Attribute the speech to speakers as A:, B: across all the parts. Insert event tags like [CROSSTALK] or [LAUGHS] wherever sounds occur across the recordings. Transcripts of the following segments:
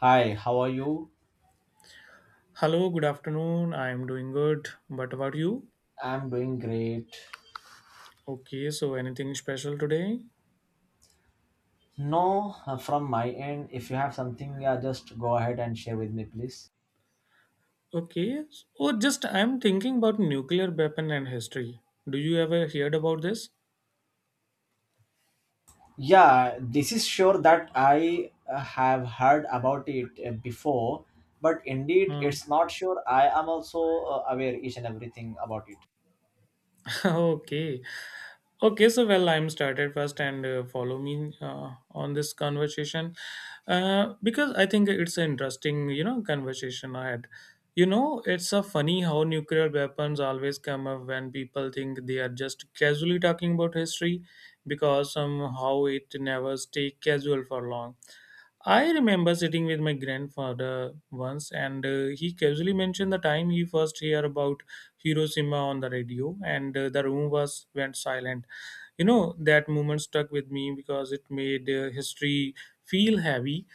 A: Hi, how are you?
B: Hello, good afternoon. I'm doing good. What about you?
A: I'm doing great.
B: Okay, so anything special today?
A: No, from my end, if you have something, yeah, just go ahead and share with me, please.
B: Okay. Oh, just I'm thinking about nuclear weapon and history. Do you ever heard about this?
A: Yeah, this is sure that I have heard about it before, but indeed,
B: Hmm.
A: it's not sure. I am also aware each and everything about it.
B: [LAUGHS] Okay. Okay, so well, I'm started first and follow me on this conversation because I think it's an interesting, conversation I had. It's a funny how nuclear weapons always come up when people think they are just casually talking about history because somehow it never stay casual for long. I remember sitting with my grandfather once, and he casually mentioned the time he first heard about Hiroshima on the radio, and the room was went silent. You know that moment stuck with me because it made history feel heavy,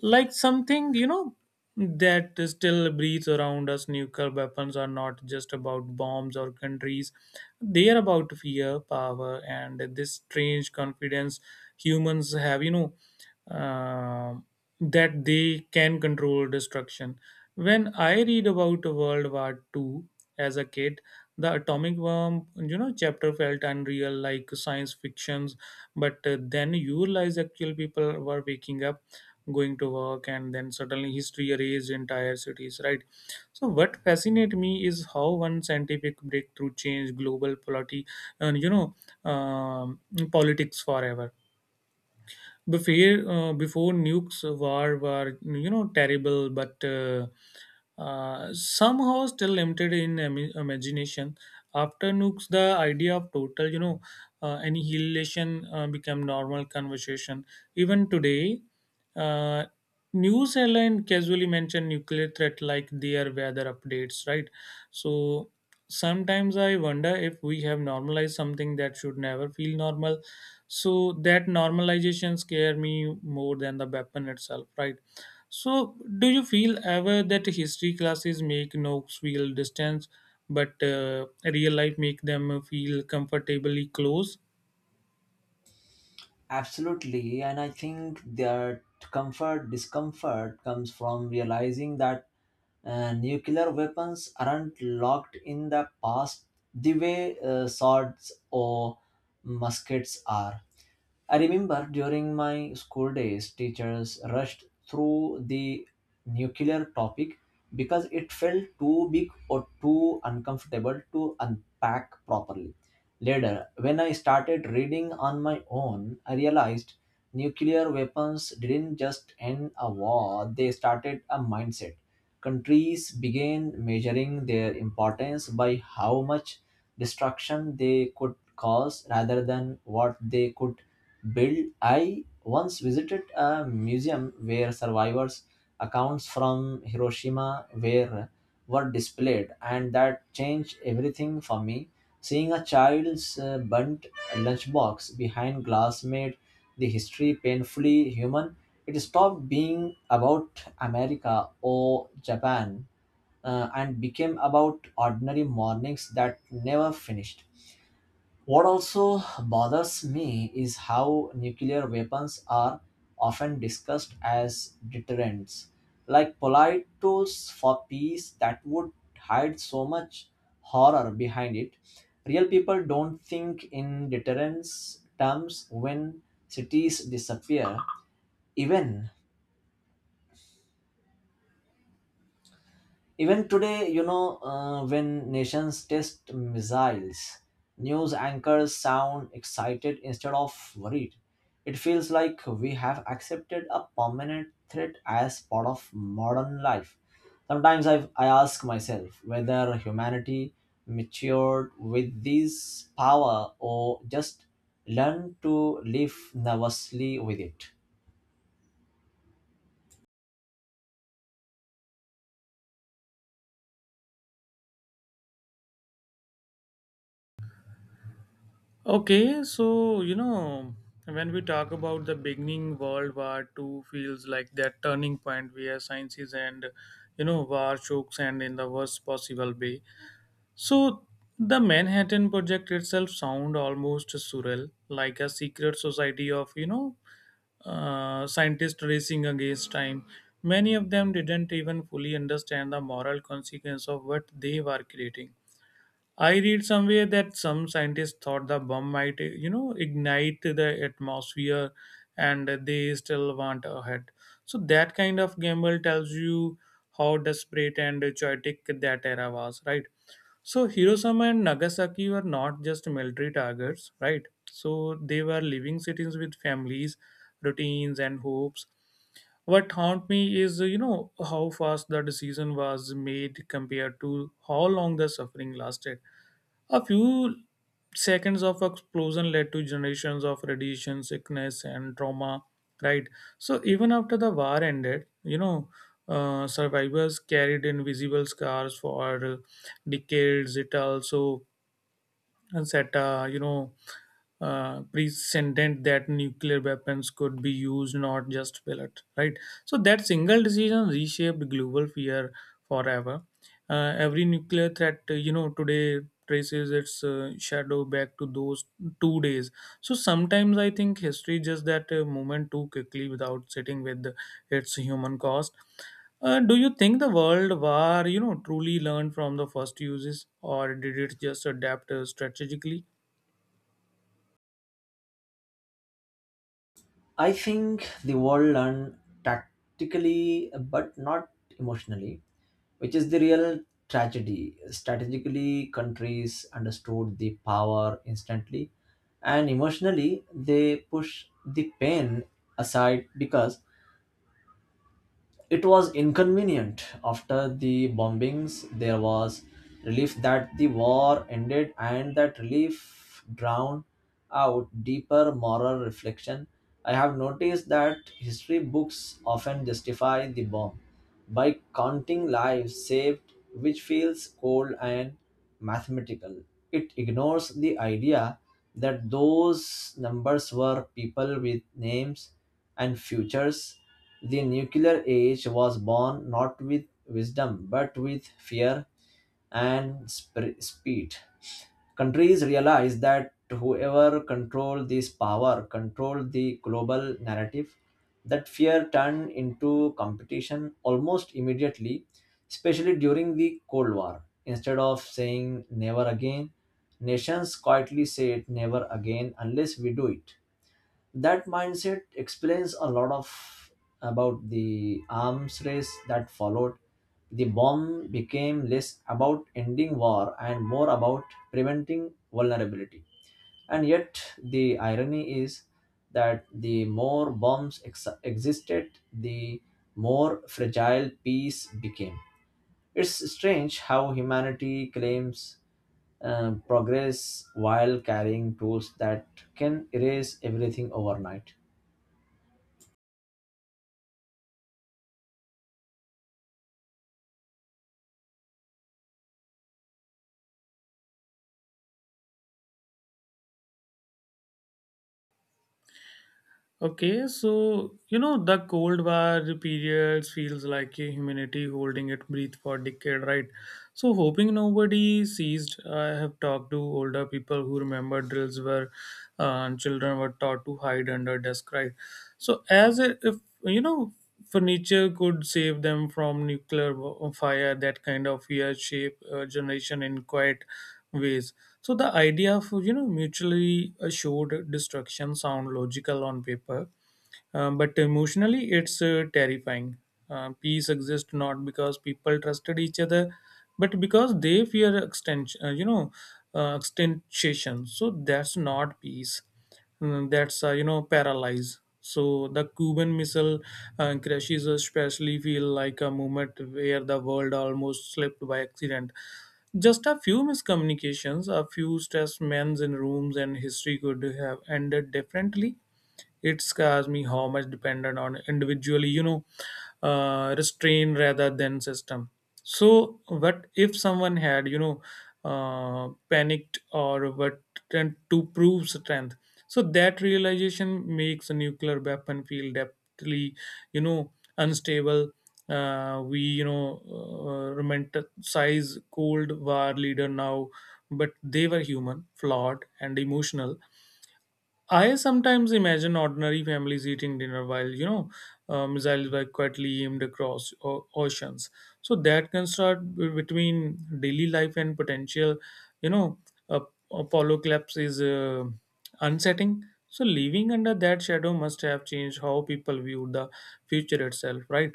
B: like something that still breathes around us. Nuclear weapons are not just about bombs or countries; they are about fear, power, and this strange confidence humans have. You know um, that they can control destruction. When I read about World War II as a kid, the atomic bomb, chapter felt unreal, like science fictions. But then you realize actual people were waking up, going to work, and then suddenly history erased entire cities, right? So what fascinates me is how one scientific breakthrough changed global polity, and you know, um, politics forever before nukes war were terrible, but somehow still limited in imagination. After nukes, the idea of total annihilation became normal conversation. Even today, uh, news headline casually mention nuclear threat like their weather updates, right? So sometimes I wonder if we have normalized something that should never feel normal. So that normalization scare me more than the weapon itself, right? So do you feel ever that history classes make nooks feel distance, but real life make them feel comfortably close?
A: Absolutely, and I think that comfort discomfort comes from realizing that nuclear weapons aren't locked in the past the way swords or muskets are. I remember during my school days, teachers rushed through the nuclear topic because it felt too big or too uncomfortable to unpack properly. Later, when I started reading on my own, I realized nuclear weapons didn't just end a war, they started a mindset. Countries began measuring their importance by how much destruction they could cause rather than what they could Bill, I once visited a museum where survivors' accounts from Hiroshima were displayed, and that changed everything for me. Seeing a child's burnt lunchbox behind glass made the history painfully human. It stopped being about America or Japan and became about ordinary mornings that never finished. What also bothers me is how nuclear weapons are often discussed as deterrents, like polite tools for peace that would hide so much horror behind it. Real people don't think in deterrence terms when cities disappear, even even today, you know, when nations test missiles, news anchors sound excited instead of worried. It feels like we have accepted a permanent threat as part of modern life. Sometimes I ask myself whether humanity matured with this power or just learned to live nervously with it.
B: Okay, so when we talk about the beginning World War Two feels like that turning point where sciences and war chokes and in the worst possible way. So the Manhattan Project itself sound almost surreal, like a secret society of scientists racing against time. Many of them didn't even fully understand the moral consequence of what they were creating. I read somewhere that some scientists thought the bomb might, ignite the atmosphere, and they still want ahead. So that kind of gamble tells you how desperate and chaotic that era was, right? So Hiroshima and Nagasaki were not just military targets, right? So they were living cities with families, routines, and hopes. What haunt me is, how fast the decision was made compared to how long the suffering lasted. A few seconds of explosion led to generations of radiation sickness and trauma, right? So even after the war ended, survivors carried invisible scars for decades. It also set a, precedent that nuclear weapons could be used, not just pellet, right? So that single decision reshaped global fear forever. Every nuclear threat, today traces its shadow back to those 2 days. So sometimes I think history just that moment too quickly without sitting with its human cost. Do you think the world war, truly learned from the first uses, or did it just adapt strategically?
A: I think the world learned tactically but not emotionally, which is the real tragedy. Strategically, countries understood the power instantly, and emotionally, they push the pain aside because it was inconvenient. After the bombings, there was relief that the war ended, and that relief drowned out deeper moral reflection. I have noticed that history books often justify the bomb by counting lives saved, which feels cold and mathematical. It ignores the idea that those numbers were people with names and futures. The nuclear age was born not with wisdom but with fear and speed. Countries realized that whoever controlled this power controlled the global narrative. That fear turned into competition almost immediately, especially during the Cold War. Instead of saying never again, nations quietly said never again unless we do it. That mindset explains a lot of about the arms race that followed. The bomb became less about ending war and more about preventing vulnerability, and yet the irony is that the more bombs existed, the more fragile peace became. It's strange how humanity claims progress while carrying tools that can erase everything overnight.
B: Okay, so the Cold War periods feels like a humanity holding it breath for decade, right? So hoping nobody seized. I have talked to older people who remember drills where children were taught to hide under desk, right? So, as if you know, furniture could save them from nuclear fire, that kind of weird shape generation in quite ways. So, the idea of mutually assured destruction sound logical on paper, but emotionally, it's terrifying. Peace exists not because people trusted each other, but because they fear extension. Extension. So that's not peace. That's paralyze. So the Cuban Missile crashes especially feel like a moment where the world almost slipped by accident. Just a few miscommunications, a few stress men in rooms, and history could have ended differently. It scares me how much dependent on individually, restraint rather than system. So, what if someone had, panicked or what tend to prove strength? So that realization makes a nuclear weapon feel deeply, you know, unstable. We romanticize Cold War leader now, but they were human, flawed, and emotional. I sometimes imagine ordinary families eating dinner while, missiles were quietly aimed across oceans. So that construct between daily life and potential, you know, uh, Apollo collapse is unsettling. So living under that shadow must have changed how people view the future itself, right?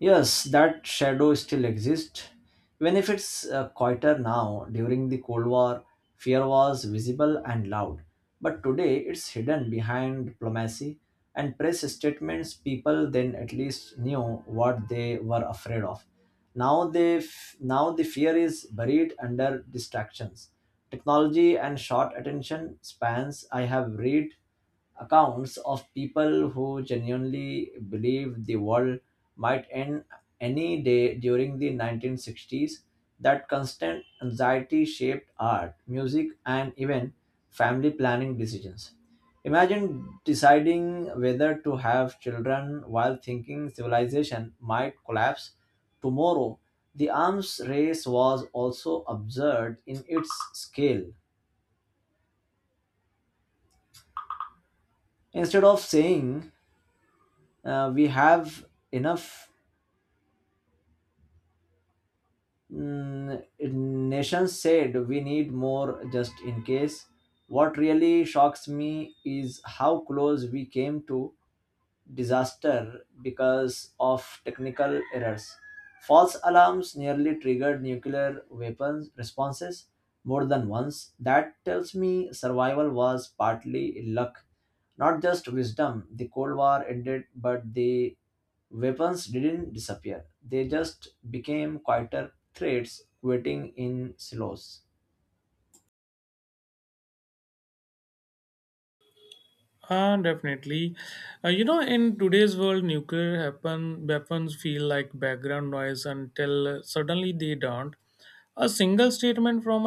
A: Yes, that shadow still exists. Even if it's quieter now, during the Cold War, fear was visible and loud. But today, it's hidden behind diplomacy and press statements. People then at least knew what they were afraid of. Now, now the fear is buried under distractions, technology, and short attention spans. I have read accounts of people who genuinely believe the world might end any day during the 1960s. That constant anxiety shaped art, music, and even family planning decisions. Imagine deciding whether to have children while thinking civilization might collapse tomorrow. The arms race was also absurd in its scale. Instead of saying we have enough, mm, nations said we need more just in case. What really shocks me is how close we came to disaster because of technical errors. False alarms nearly triggered nuclear weapons responses more than once. That tells me survival was partly luck, not just wisdom. The Cold War ended, but the weapons didn't disappear. They just became quieter threats, waiting in silos.
B: Definitely. In today's world, nuclear weapons feel like background noise until suddenly they don't. A single statement from